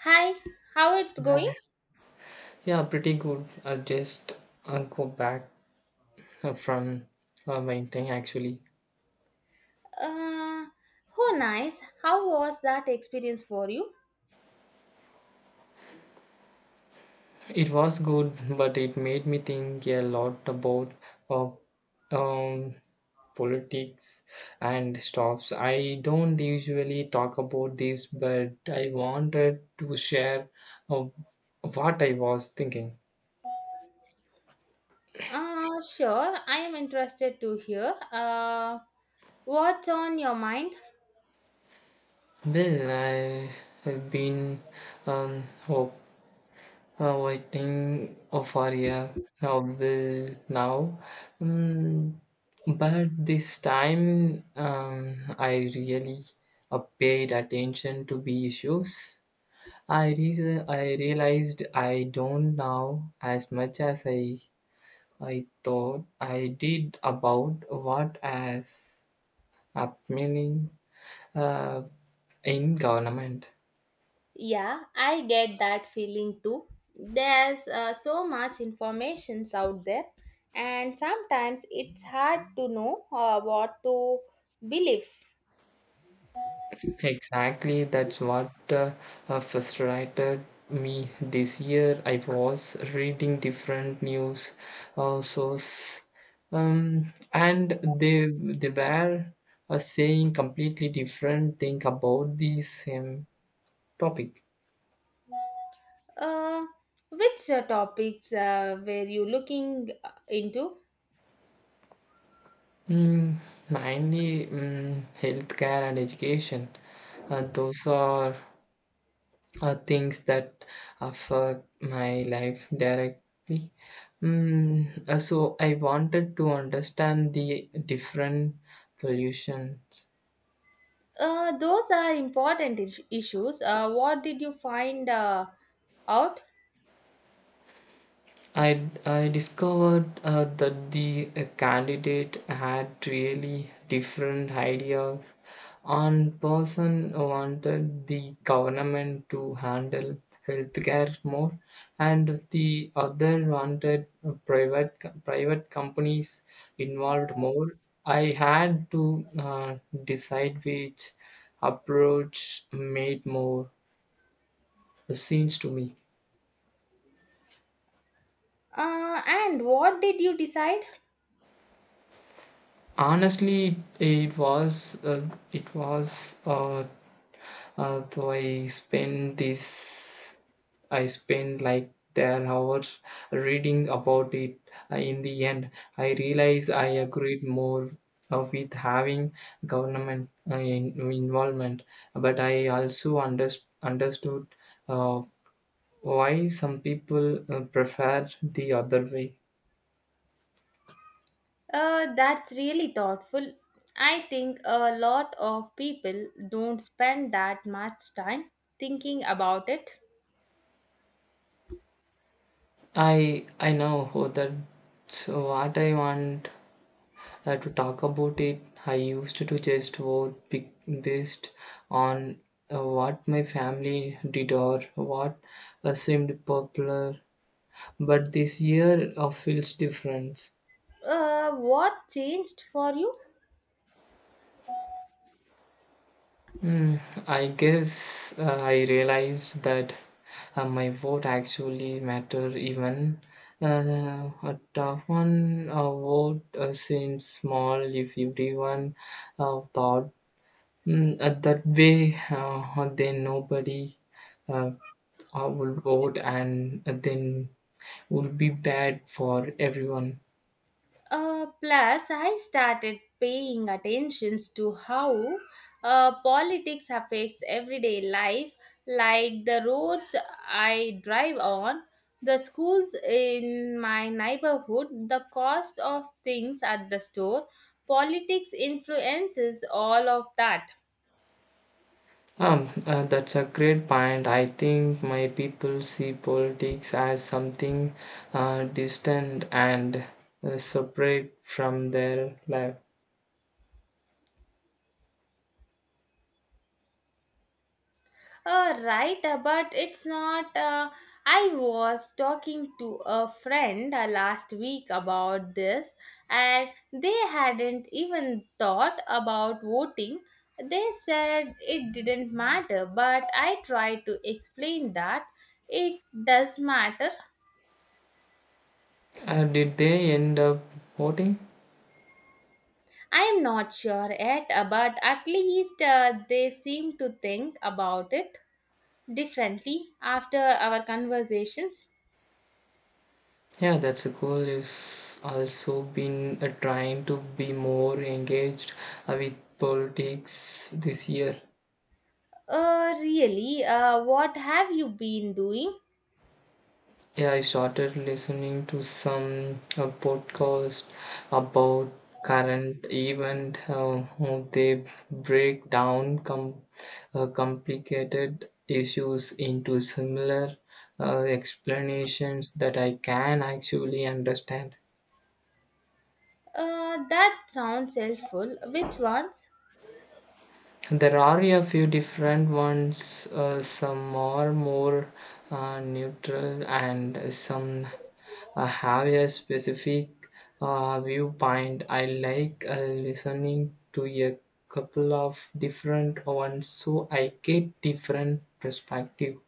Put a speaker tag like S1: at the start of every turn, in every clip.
S1: Hi, how it's going?
S2: Yeah, yeah, pretty good. I just go back from my actually.
S1: Uh, oh, nice. How was that experience for you?
S2: It was good, but it made me think a lot about uh, um, politics and stops. I don't usually talk about this, but I wanted to share uh, what I was thinking.
S1: Uh, sure, I am interested to hear. What's on your mind?
S2: Well, I have been hope waiting oh, for a will now. Mm, but this time I really paid attention to the issues. I realized I don't know as much as I thought I did about what is happening uh, in government.
S1: Yeah, I get that feeling too. There's so much informations out there, and sometimes it's hard to know what to believe.
S2: Exactly, that's what frustrated me this year. I was reading different news sources, um, and they were saying completely different thing about the same topic.
S1: Uh, which topics were you looking into?
S2: Mm, mainly healthcare and education. Those are things that affect my life directly. So I wanted to understand the different pollutions.
S1: Those are important issues. What did you find out?
S2: I discovered that the candidate had really different ideas. One person wanted the government to handle healthcare more, and the other wanted private companies involved more. I had to uh, decide which approach made more sense to me.
S1: And what did you decide?
S2: Honestly, it was though I spent like there hours reading about it. In the end, I realized I agreed more with having government involvement, but I also understood uh, why some people prefer the other way.
S1: That's really thoughtful. I think a lot of people don't spend that much time thinking about it.
S2: I know that so what I want to talk about it, I used to just vote pick based on what my family did or what seemed popular. But this year feels different.
S1: What changed for you?
S2: Hmm, I guess I realized that my vote actually matter even a tough one vote seems small if everyone thought that way, then nobody uh, will vote, and then will be bad for everyone.
S1: Plus, I started paying attention to how politics affects everyday life, like the roads I drive on, the schools in my neighborhood, the cost of things at the store. Politics influences all of that.
S2: That's a great point. I think my people see politics as something distant and separate from their life.
S1: Right, but it's not. I was talking to a friend last week about this, and they hadn't even thought about voting. They said it didn't matter, but I tried to explain that it does matter.
S2: Did they end up voting?
S1: I'm not sure yet, but at least they seem to think about it differently after our conversations.
S2: Yeah, that's a goal. Is also been trying to be more engaged with politics this year.
S1: Really? What have you been doing?
S2: Yeah, I started listening to some podcast about current event. How they break down complicated issues into similar explanations that I can actually understand.
S1: That sounds helpful. Which ones?
S2: There are a few different ones. Some are more neutral, and some have a specific viewpoint. I like listening to a couple of different ones, so I get different perspective.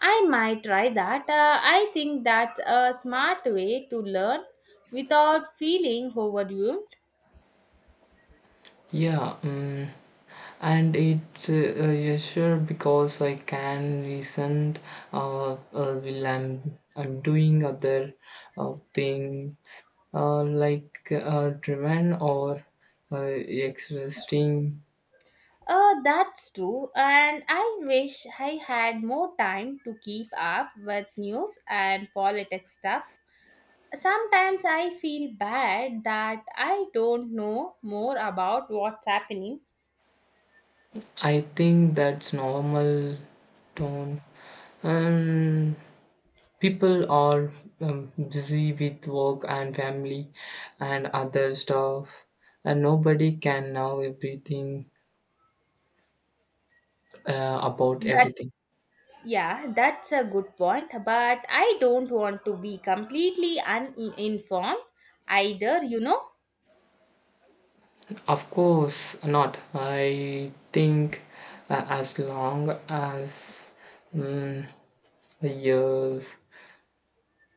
S1: I might try that. I think that's a smart way to learn without feeling overwhelmed.
S2: Yeah, and it's yeah, sure because I can resent while I'm doing other things like driven or exhausting.
S1: That's true, and I wish I had more time to keep up with news and politics stuff. Sometimes I feel bad that I don't know more about what's happening
S2: I think that's normal tone. Um, people are busy with work and family and other stuff, and nobody can know everything about
S1: That.
S2: everything.
S1: Yeah, that's a good point, but I don't want to be completely uninformed either, you know.
S2: Of course not. I think as long as mm, years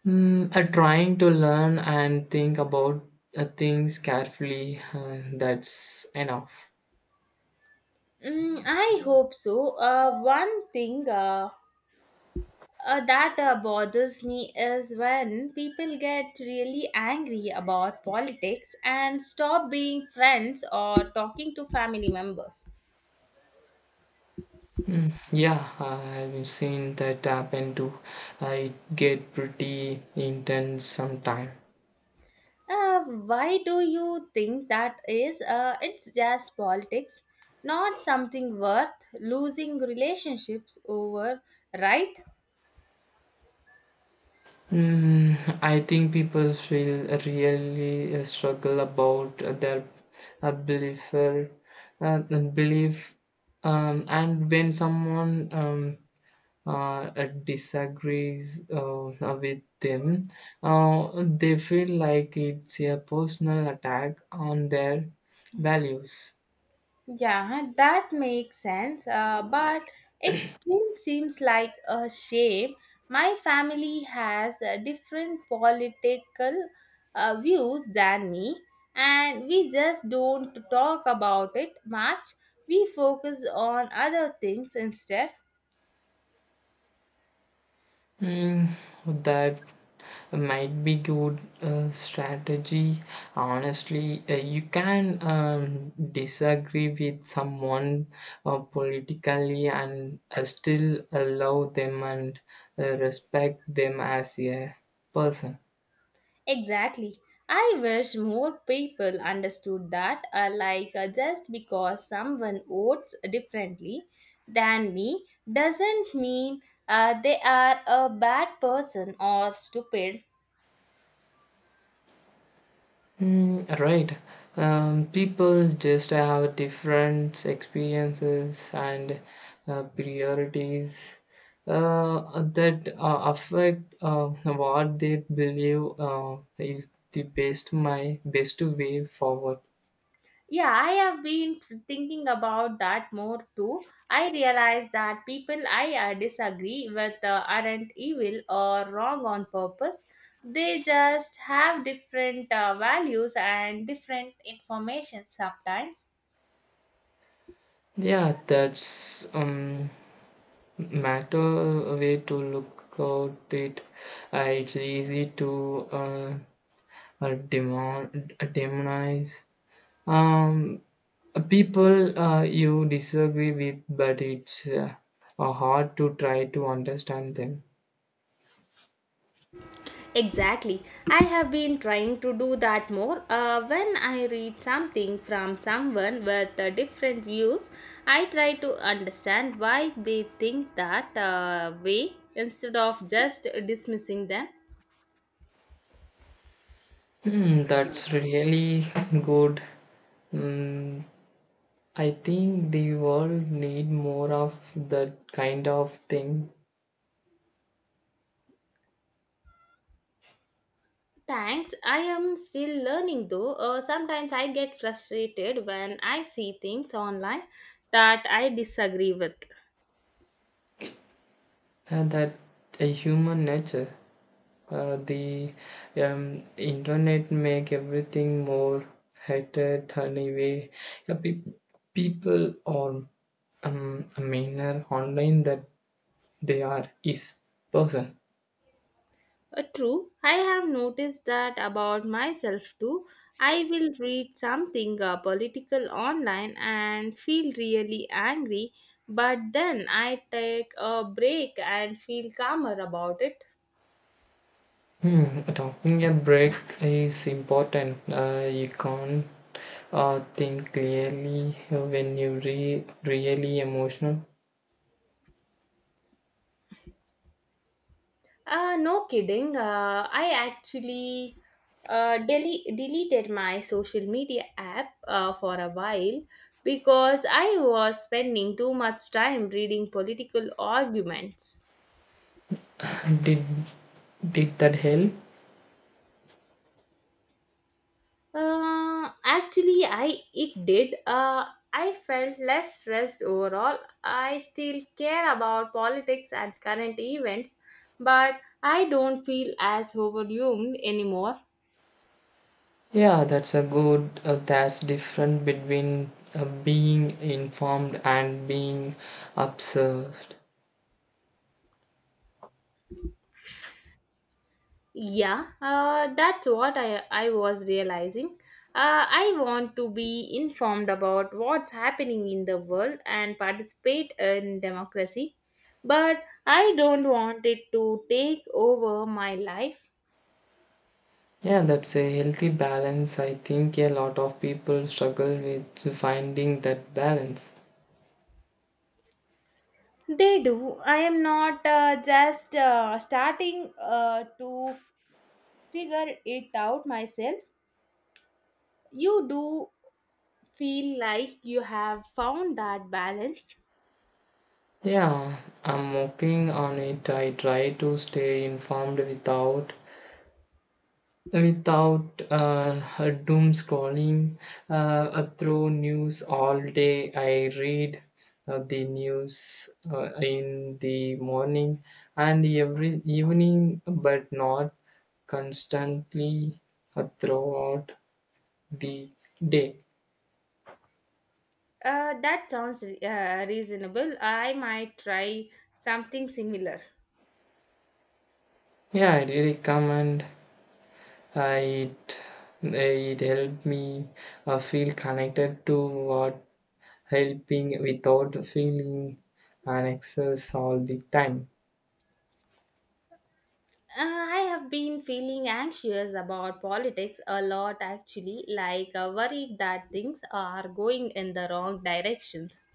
S2: trying to learn and think about things carefully, that's enough.
S1: Mm, I hope so. One thing that bothers me is when people get really angry about politics and stop being friends or talking to family members.
S2: Yeah, I've seen that happen too. I get pretty intense sometimes.
S1: Uh, why do you think that is? It's just politics, not something worth losing relationships over, right?
S2: Mm, I think people feel really struggle about their uh, belief, uh, belief, and when someone disagrees with them, they feel like it's a personal attack on their values.
S1: Yeah, that makes sense. But it still seems like a shame. My family has different political views than me, and we just don't talk about it much. We focus on other things instead.
S2: Mm, that might be good strategy honestly. You can disagree with someone politically and still allow them and respect them as a person.
S1: Exactly. I wish more people understood that, like, just because someone votes differently than me doesn't mean they are a bad person or stupid.
S2: Right. People just have different experiences and priorities that affect what they believe is the best way forward.
S1: Yeah, I have been thinking about that more too. I realize that people I disagree with aren't evil or wrong on purpose. They just have different values and different information sometimes.
S2: Yeah, that's matter way to look at it. It's easy to demonize. Um, people you disagree with, but it's hard to try to understand them.
S1: Exactly. I have been trying to do that more. When I read something from someone with different views, I try to understand why they think that way instead of just dismissing them.
S2: That's really good. Hmm, I think the world need more of that kind of thing.
S1: Thanks. I am still learning though. Sometimes I get frustrated when I see things online that I disagree with.
S2: That a human nature. The internet make everything more hated anyway. Yeah, people are um, meaner online that they are is person.
S1: True, I have noticed that about myself too. I will read something political online and feel really angry, but then I take a break and feel calmer about it.
S2: Talking a break is important. You can't think clearly when you really emotional.
S1: No kidding. I actually deleted my social media app for a while because I was spending too much time reading political arguments.
S2: Did did that help?
S1: Actually, I it did. I felt less stressed overall. I still care about politics and current events, but I don't feel as overwhelmed anymore.
S2: Yeah, that's a good. That's different between being informed and being observed.
S1: Yeah, that's what I was realizing. I want to be informed about what's happening in the world and participate in democracy, but I don't want it to take over my life.
S2: Yeah, that's a healthy balance. I think a lot of people struggle with finding that balance.
S1: They do. I am not just starting to figure it out myself. You do feel like you have found that balance.
S2: Yeah, I'm working on it. I try to stay informed without doom scrolling through news all day. I read the news in the morning and every evening, but not constantly throughout the day.
S1: That sounds reasonable. I might try something similar.
S2: Yeah, I recommend. Uh, it it helped me feel connected to what helping without feeling an excess all the time.
S1: I have been feeling anxious about politics a lot actually, like worried that things are going in the wrong directions.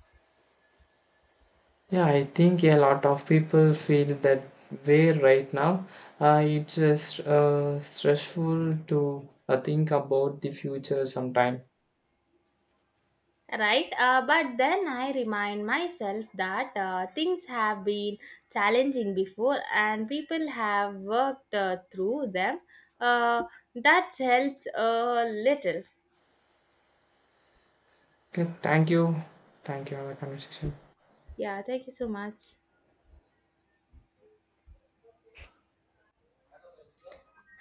S2: Yeah, I think a lot of people feel that way right now. It's just stressful to think about the future sometime.
S1: Right, but then I remind myself that things have been challenging before and people have worked through them uh, that helps a little.
S2: Okay, thank you. Thank you for the conversation.
S1: Yeah, thank you so much.